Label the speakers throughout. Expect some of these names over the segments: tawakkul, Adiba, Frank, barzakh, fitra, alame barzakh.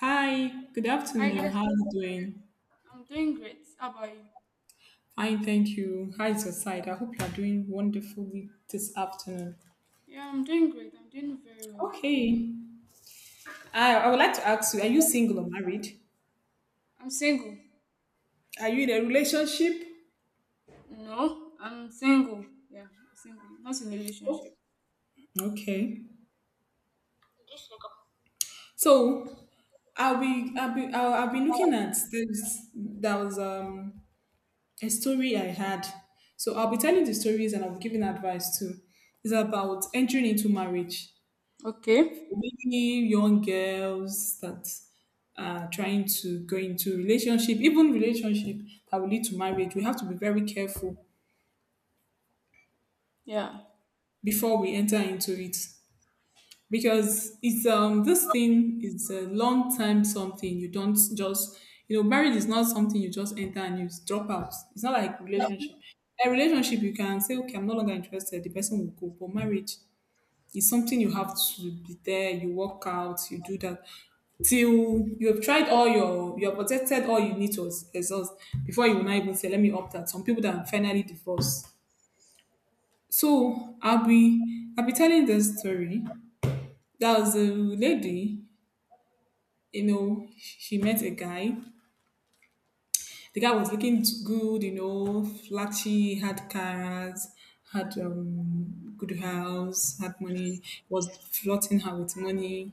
Speaker 1: Hi, good
Speaker 2: Hi,
Speaker 1: afternoon.
Speaker 2: good.
Speaker 1: How are you doing?
Speaker 2: I'm doing great. How about you?
Speaker 1: Fine, thank you. How is your side? I hope you are doing wonderfully this afternoon.
Speaker 2: Yeah, I'm doing great. I'm doing very well.
Speaker 1: Okay. I would like to ask you, are you single or married?
Speaker 2: I'm single.
Speaker 1: Are you in a relationship?
Speaker 2: No, I'm single. Yeah, I'm single. Not in a
Speaker 1: Oh,
Speaker 2: relationship.
Speaker 1: okay. So I'll be looking at this that was a story I had. So I'll be telling the stories, and I'll be giving advice too. It's about entering into marriage.
Speaker 2: Okay.
Speaker 1: Maybe young girls that are trying to go into relationship, even relationship that will lead to marriage, we have to be very careful
Speaker 2: Yeah.
Speaker 1: before we enter into it, because it's this thing is a long time something you don't just you know marriage is not something you just enter and you drop out. It's not like relationship. A relationship you can say okay I'm no longer interested, the person will go, but marriage, it's something you have to be there, you work out, you do that till you have tried all your, you have protected all you need to exhaust before you will not even say, let me opt out. Some people that finally divorce. So I'll be telling this story. There was a lady, you know, she met a guy. The guy was looking good, you know, flashy, had cars, had good house, had money, was flirting her with money,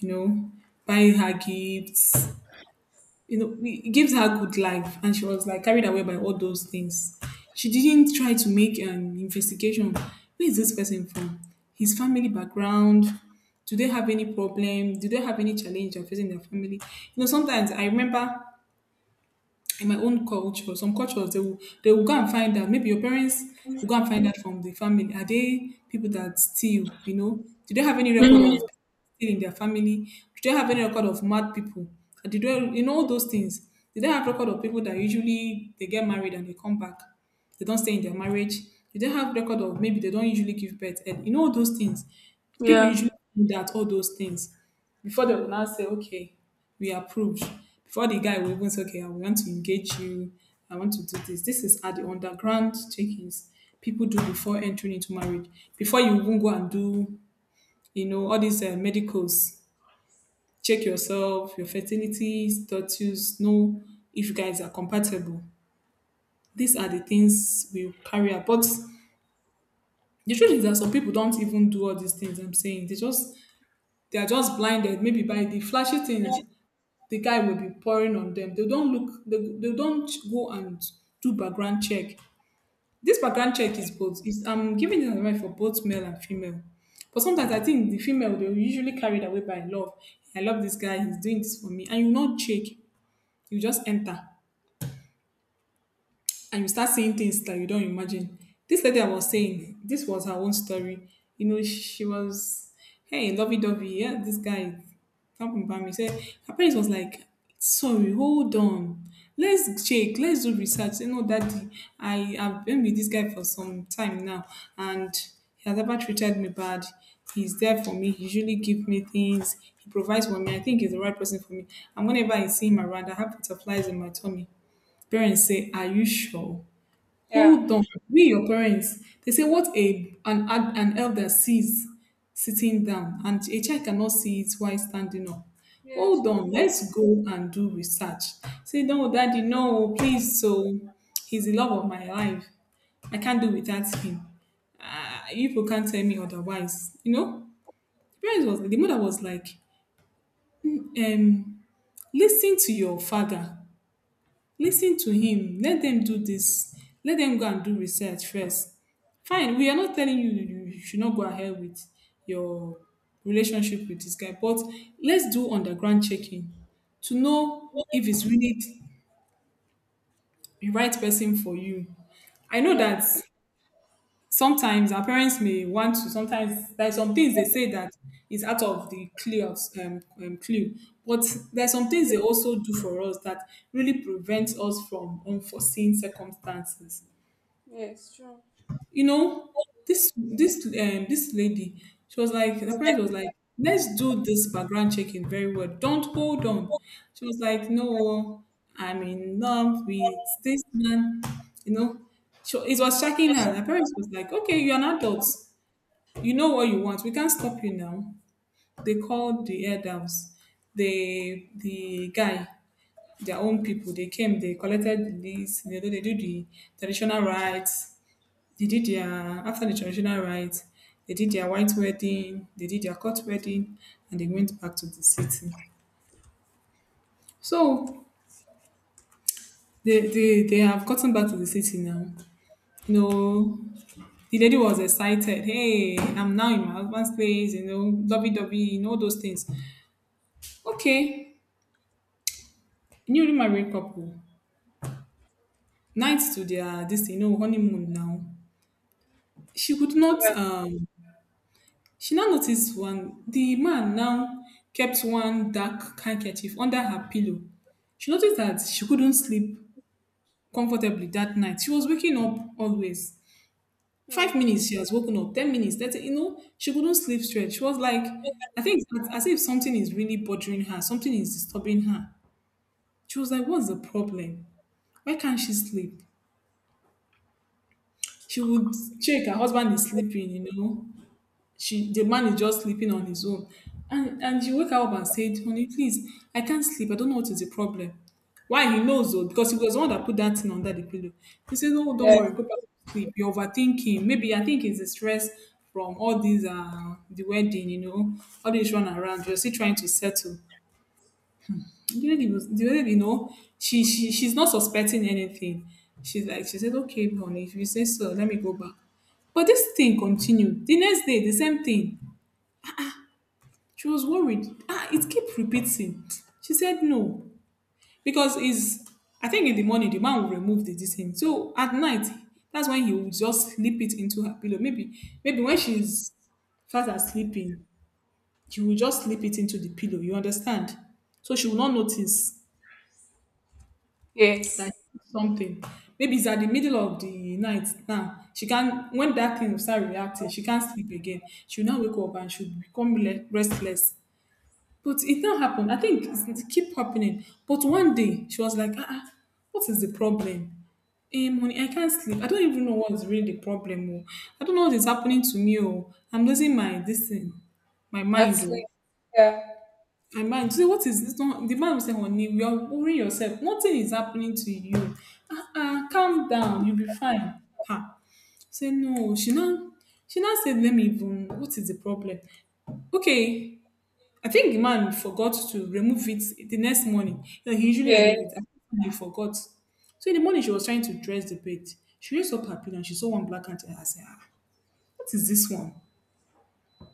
Speaker 1: you know, buy her gifts. You know, it gives her good life, and she was like carried away by all those things. She didn't try to make an investigation. Where is this person from? His family background? Do they have any problem? Do they have any challenge they're facing in their family? You know, sometimes I remember in my own culture, some cultures they will go and find out. Maybe your parents will go and find out from the family. Are they people that steal? You know, do they have any record
Speaker 2: Mm,
Speaker 1: of stealing in their family? Do they have any record of mad people? Do they, you know, all those things? Do they have record of people that usually they get married and they come back? They don't stay in their marriage. Do they have record of maybe they don't usually give birth? And you know all those things. People
Speaker 2: yeah.
Speaker 1: usually do that all those things before they will now say, okay, we approve. Before the guy will even say, okay, I want to engage you. I want to do this. This is at the underground check-ins people do before entering into marriage. Before you even go and do, you know, all these medicals, check yourself, your fertility status, know if you guys are compatible. These are the things we carry out. But the truth is that some people don't even do all these things I'm saying. They just they are just blinded, maybe by the flashy things the guy will be pouring on them. They don't look, they don't go and do background check. This background check is both, is I'm giving this advice for both male and female. But sometimes I think the female, they're usually carried away by love. I love this guy, he's doing this for me. And you not check, you just enter, and you start seeing things that you don't imagine. This lady I was saying, this was her own story. You know, she was, hey, lovey dovey, yeah, this guy, something about me. Said her parents was like, sorry, hold on. Let's check, let's do research. You know, daddy, I have been with this guy for some time now, and he has never treated me bad. He's there for me. He usually give me things. He provides for me. I think he's the right person for me. And whenever I see him around, I have butterflies in my tummy. Parents say, are you sure?
Speaker 2: Yeah.
Speaker 1: Hold on. We, your parents, they say what a an elder sees sitting down, and a child cannot see it while standing up.
Speaker 2: Yes,
Speaker 1: Hold on,
Speaker 2: true.
Speaker 1: let's go and do research. Say, no, daddy, no, please. So he's the love of my life. I can't do without him. You people can't tell me otherwise. You know, the parents was the mother was like, "Mm, listen to your father. Listen to him. Let them do this. Let them go and do research first. Fine, we are not telling you you should not go ahead with your relationship with this guy, but let's do underground checking to know if it's really the right person for you. I know
Speaker 2: Yes.
Speaker 1: that sometimes our parents may want to sometimes there's some things they say that is out of the clear clue, but there's some things they also do for us that really prevents us from unforeseen circumstances,
Speaker 2: Yes, true.
Speaker 1: you know, this lady, she was like the parents was like let's do this background checking very well, don't hold on. She was like, no, I'm in love with this man, you know. So it was shocking her. The parents was like, okay, you're an adult, you know what you want. We can't stop you now. They called the elders, the guy, their own people. They came, they collected this, they, they do the traditional rites. They did their after the traditional rites, they did their white wedding, they did their court wedding, and they went back to the city. So they have gotten back to the city now. You know, the lady was excited. Hey, I'm now in my husband's place, you know, lovey dovey, you know, those things. Okay, you know, married couple, night to their this, you know, honeymoon now. She could not
Speaker 2: Yeah.
Speaker 1: she now noticed one the man now kept one dark handkerchief under her pillow. She noticed that she couldn't sleep comfortably that night. She was waking up always. Five
Speaker 2: Mm.
Speaker 1: minutes she has woken up, 10 minutes, that you know, she couldn't sleep straight. She was like, I think it's as if something is really bothering her, something is disturbing her. She was like, what's the problem? Why can't she sleep? She would check, her husband is sleeping, you know. She the man is just sleeping on his own. And she woke up and said, honey, please, I can't sleep. I don't know what is the problem. Why he knows though, because he was the one that put that thing under the pillow. He said, no, don't
Speaker 2: Yeah.
Speaker 1: worry, go back to sleep. You're overthinking. Maybe I think it's the stress from all these the wedding, you know, all this run around. You're still trying to settle. The was the lady, you know, she's not suspecting anything. She's like, she said, okay, honey, if you say so, let me go back. But this thing continued. The next day, the same thing. She was worried. Ah, it kept repeating. She said no. Because is I think in the morning the man will remove the this thing. So at night, that's when he will just slip it into her pillow. Maybe when she's fast asleep, sleeping, you will just slip it into the pillow. You understand? So she will not notice.
Speaker 2: Yes.
Speaker 1: That something. Maybe it's at the middle of the night now. She can when that thing will start reacting, she can't sleep again. She'll now wake up and she'll become restless. But it now happened. I think it's, it keep happening. But one day she was like, ah, ah, what is the problem? Eh, money, I can't sleep. I don't even know what's really the problem. Oh. I don't know what is happening to me. Oh, I'm losing my this thing, my mind.
Speaker 2: Actually,
Speaker 1: Oh,
Speaker 2: yeah.
Speaker 1: my man, say what is this one? The man will say, honey, you are worrying yourself. Nothing is happening to you. Ah, ah, calm down. You'll be fine. Ha. Say no. She now said, let me even. What is the problem? Okay. I think the man forgot to remove it the next morning. You know, he usually
Speaker 2: Yeah.
Speaker 1: remove it. I think he forgot. So in the morning, she was trying to dress the bed. She raised up her pillow and she saw one black ant. I said, ah, what is this one?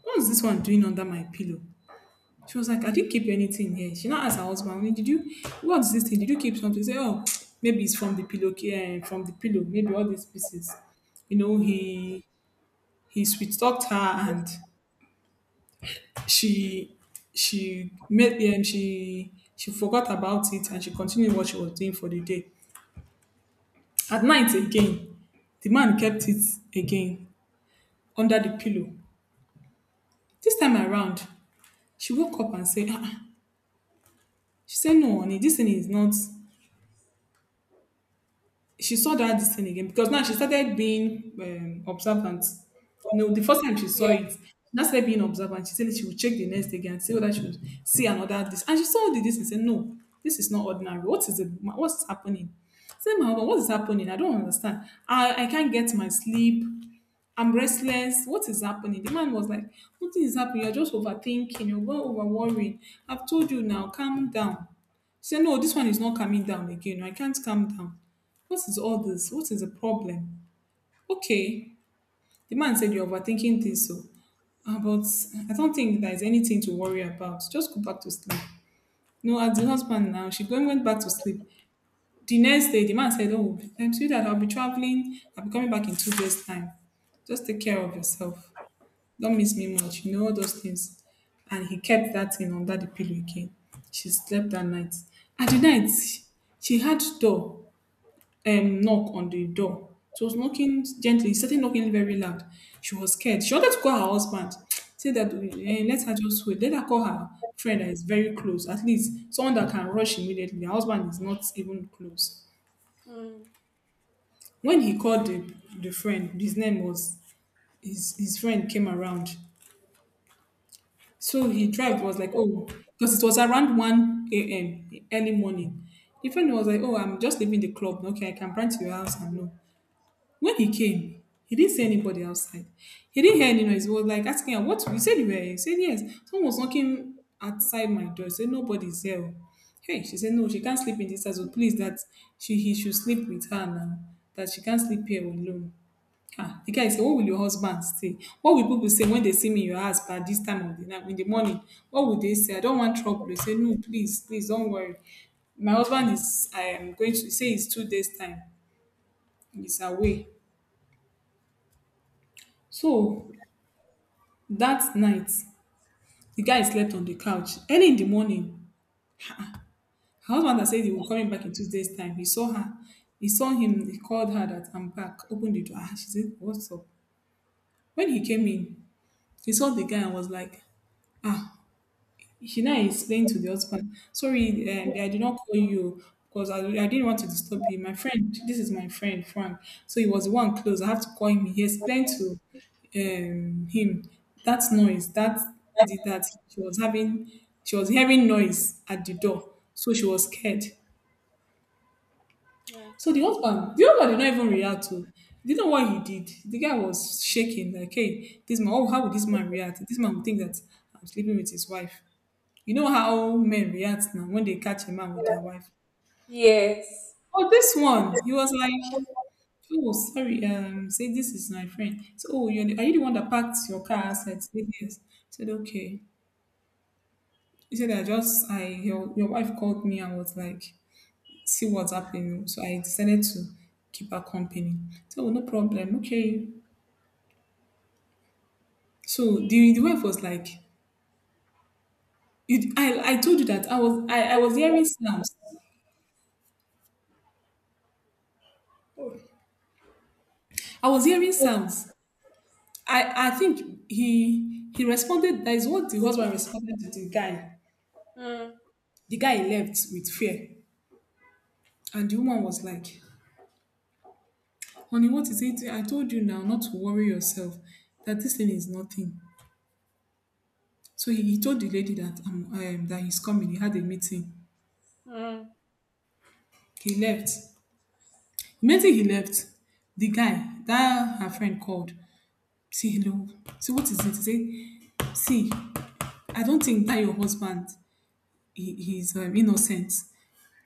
Speaker 1: What is this one doing under my pillow? She was like, I didn't keep anything here. She now asked her husband, I mean, did you what's this thing? Did you keep something? He said, oh, maybe it's from the pillow, and from the pillow, maybe all these pieces. You know,
Speaker 2: Mm.
Speaker 1: he sweet talked her, and she she made she forgot about it and she continued what she was doing for the day. At night again, the man kept it again under the pillow. This time around, she woke up and said, "Ah, ah." She said, "No, honey, this thing is not..." She saw that this thing again because now she started being observant. You know, the first time she saw
Speaker 2: Yeah.
Speaker 1: it, she now started being observant. She said she would check the next day again and see whether she would see another this. And she saw the this and said, "No, this is not ordinary. What is it? What's happening? I said, my husband, what is happening? I don't understand. I can't get my sleep. I'm restless. What is happening?" The man was like, "Nothing is happening. You're just overthinking. You're going over worrying. I've told you now, calm down." She said, "No, this one is not calming down again. I can't calm down. What is all this? What is the problem?" Okay. The man said, "You're overthinking this. So, ah, but I don't think there's anything to worry about. Just go back to sleep." No, as the husband now, she going went back to sleep. The next day, the man said, "Oh, I'm sure that I'll be traveling. I'll be coming back in 2 days' time. Just take care of yourself. Don't miss me much, you know, all those things." And he kept that thing under the pillow again. She slept that night. At the night, she had door knock on the door. She was knocking gently, she started knocking very loud. She was scared. She wanted to call her husband. Say that eh, let her just wait. Let her call her friend that is very close. At least someone that can rush immediately. Her husband is not even close.
Speaker 2: Mm.
Speaker 1: When he called the friend, his name was his friend came around. So he drive was like, oh, because it was around 1 a.m. early morning. The friend was like, "Oh, I'm just leaving the club. Okay, I can run to your house." And no. When he came, he didn't see anybody outside. He didn't hear any noise. He was like asking her, "What? You said you were here." He said, "Yes. Someone was knocking outside my door." He said, "Nobody's here. Oh." Hey, she said, no, she can't sleep in this house. So please, that she he should sleep with her now. That she can't sleep here alone. The guy say, "Where will your husband stay? What will people say when they see me in your house pa this time of the night in the morning? What will they say? I don't want trouble." He say, "No, please, please don't worry. My husband is, I am going to say it's 2 days time, he's away." So that night, the guy slept on the couch. Early in the morning, um her husband na said he will be coming back in 2 days time. He saw her, he saw him, he called her that, "I'm back." Opened the door. She say, "What's up?" When he came in, he saw the guy and was like, ah. She now explained to the husband, "Sorry, I did not call you because I didn't want to disturb you. My friend, this is my friend, Frank. So he was the one close. I have to call him." He explained to him that noise, that did that she was having, she was hearing noise at the door. So she was scared.
Speaker 2: Yeah.
Speaker 1: So the husband did not even react to. You know what he did? The guy was shaking, like, "Hey, this man, oh, how would this man react? This man would think that I'm sleeping with his wife." You know how men react now when they catch a man with their wife.
Speaker 2: Yes.
Speaker 1: Oh, this one. He was like, "Oh, sorry. Say this is my friend. So, oh, you're the, are you the one that parked your car outside?" He said, "Yes." I said, "Okay." He said, "I just, I your wife called me and was like, see what's happening. So I decided to keep her company." So, "Oh, no problem. Okay." So the wife was like, "You, I told you that I was hearing sounds. I was hearing sounds. I think he responded." That is what the husband responded to the guy.
Speaker 2: Mm.
Speaker 1: The guy left with fear, and the woman was like, "Honey, what is it? I told you now not to worry yourself. That this thing is nothing." So he told the lady that that he's coming. He had a meeting.
Speaker 2: Mm.
Speaker 1: He left. Immediately he left, the guy that her friend called. See hello. See what is it? He said, "See, I don't think that your husband he, he's innocent.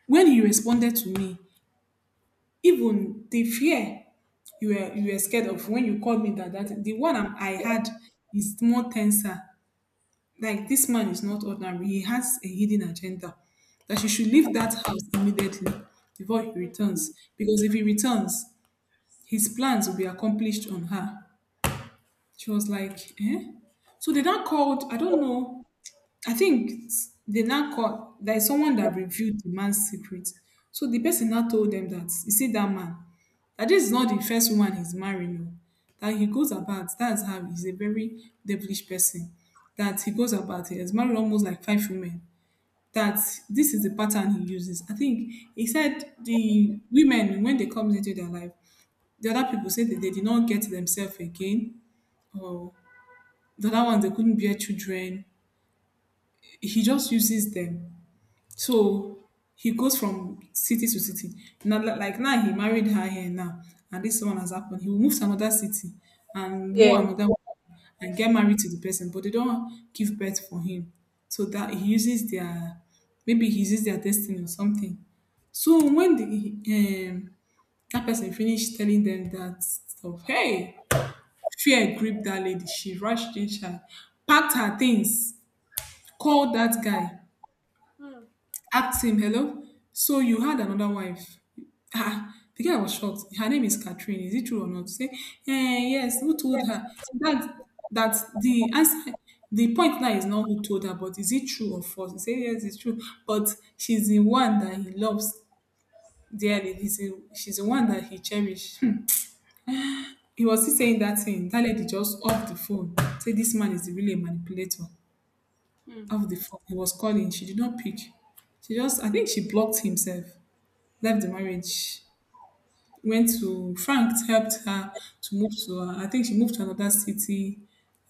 Speaker 1: When he responded to me, even the fear you were scared of when you called me that that the one I'm, I had is more tenser. Like this man is not ordinary. He has a hidden agenda." That she should leave that house immediately before he returns. Because if he returns, his plans will be accomplished on her. She was like, eh? So they now called. I don't know. I think they now call. There is someone that revealed the man's secret. So the person now told them that, "You see that man, that this is not the first woman he's marrying. No. That he goes about, that's how he's a very devilish person. That he goes about, he has married almost like five women." That this is the pattern he uses. I think he said the women when they come into their life, the other people say that they did not get themselves again, or the other ones they couldn't bear children. He just uses them. So he goes from city to city. Now, like now, he married her here now, and this one has happened. He will move to another city and go another
Speaker 2: Yes.
Speaker 1: one and get married to the person, but they don't give birth for him. So that he uses their, maybe he uses their destiny or something. So when the that person finished telling them that stuff, hey, fear gripped that lady. She rushed in, she packed her things, called that guy, asked him, "Hello? So you had another wife?" Ah, the guy was shocked. Her name is Catherine. "Is it true or not?" Say, eh, yes, who told her? So that that the answer, the point now is not who told her, but is it true or false? He said, "Yes, it's true. But she's the one that he loves dearly. He's the, she's the one that he cherished." Hmm. He was still saying that thing. That lady just off the phone. Say this man is really a manipulator.
Speaker 2: Mm.
Speaker 1: Off the phone. He was calling. She did not pick. She just, I think she blocked himself. Left the marriage, went to Frank helped her to move to I think she moved to another city,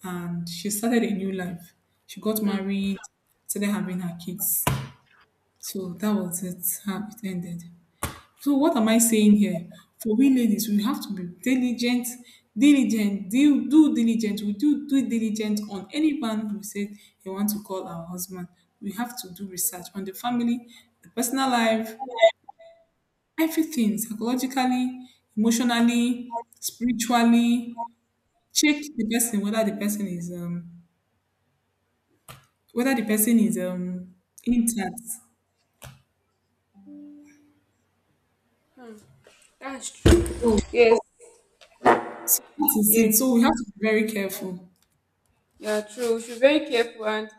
Speaker 1: and she started a new life. She got
Speaker 2: Hmm,
Speaker 1: married, started having her kids. So that was it, how it ended. So what am I saying here? For we ladies, we have to be diligent, diligent, do, do diligent. We do do diligent on any man who said they want to call our husband. We have to do research on the family, the personal life, everything psychologically, emotionally, spiritually. Check the person whether the person is whether the person is um intact.
Speaker 2: hmm. That's true.
Speaker 1: So,
Speaker 2: Yes,
Speaker 1: so that is it.
Speaker 2: yes,
Speaker 1: So we have to be very careful.
Speaker 2: yeah, true. We should be very careful, and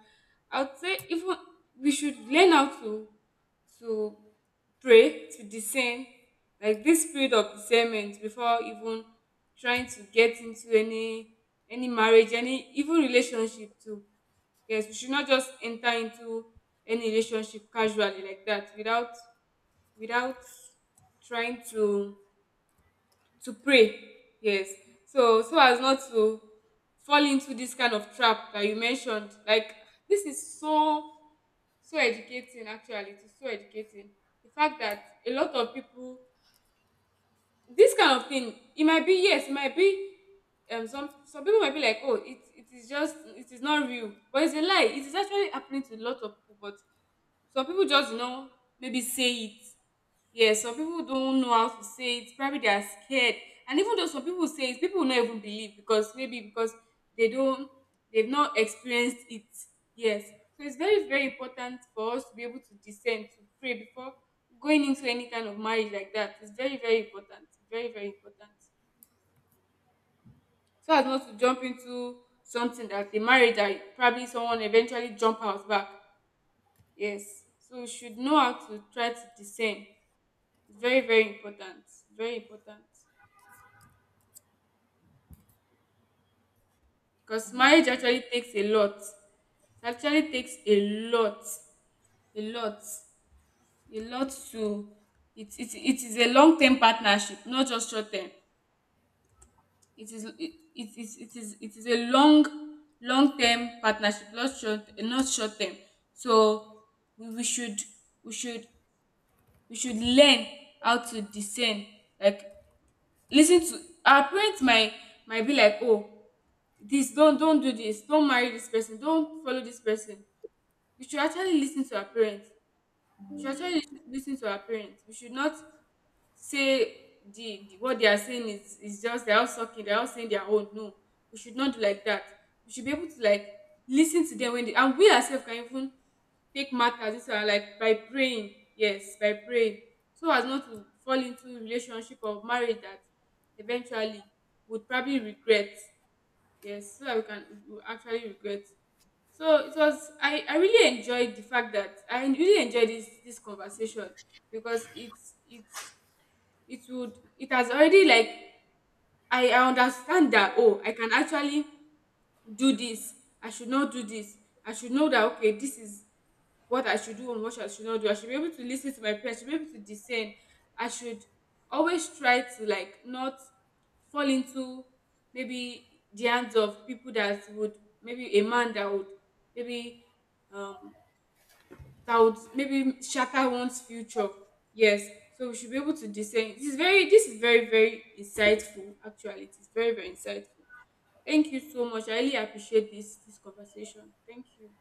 Speaker 2: I would say even we should learn how to pray to discern, like this spirit of discernment before even trying to get into any marriage, any even relationship too. Yes, we should not just enter into any relationship casually like that without trying to pray. Yes, so, so as not to fall into this kind of trap that you mentioned. Like this is so, so educating. Actually, it is so educating. The fact that a lot of people, this kind of thing, it might be, yes, it might be, some people might be like, oh, it is just, it is not real, but it's a lie. It is actually happening to a lot of people. But some people just, you know, maybe say it. Yeah, some people don't know how to say it. Probably they are scared. And even though some people say it, people will not even believe, because maybe because they don't, they've not experienced it. Yes. So it's very, very important for us to be able to discern, to pray before going into any kind of marriage like that. It's very, very important. Very, very important. So as not to jump into something, that the marriage that probably someone eventually jump out back. Yes. So you should know how to try to discern. It's very, very important. Very important. Because marriage actually takes a lot. It actually takes a lot. A lot. A lot to, it is a long term partnership, not just short term. It is, it is a long, long term partnership, not short, not short term. So we, we should we should we should learn how to discern, like lis ten to our parent. Might be like, oh, this, don't do this, don't marry this person, don't follow this person. We should actually lis ten to our parents. We should actually lis ten to our parents. We should not say the what they are saying is just they're all sucking, they're all saying their own. No, we should not do like that. We should be able to like listen to them when they, and we ourselves can even take matters into our, like, by praying. Yes, by praying. So as not to fall into relationship or marriage that eventually would probably regret. Yes, so that we can, we will actually regret. So it was, I really enjoyed the fact that I really enjoyed this conversation, because it's it would, it has already, like, I understand that, oh, I can actually do this. I should not do this. I should know that, okay, this is what I should do and what I should not do. I should be able to listen to my parents. I should be able to discern. I should always try to like not fall into maybe the hands of people that would, maybe a man that would maybe, um that would maybe shatter one's future. Yes. So we should be able to discern. This is very, this is very, very insightful, actually. It is very, very insightful. Thank you so much. I really appreciate this conversation. Thank you.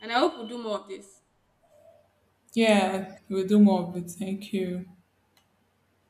Speaker 2: And I hope we do more of this.
Speaker 1: Yeah, we'll do more of it. Thank you.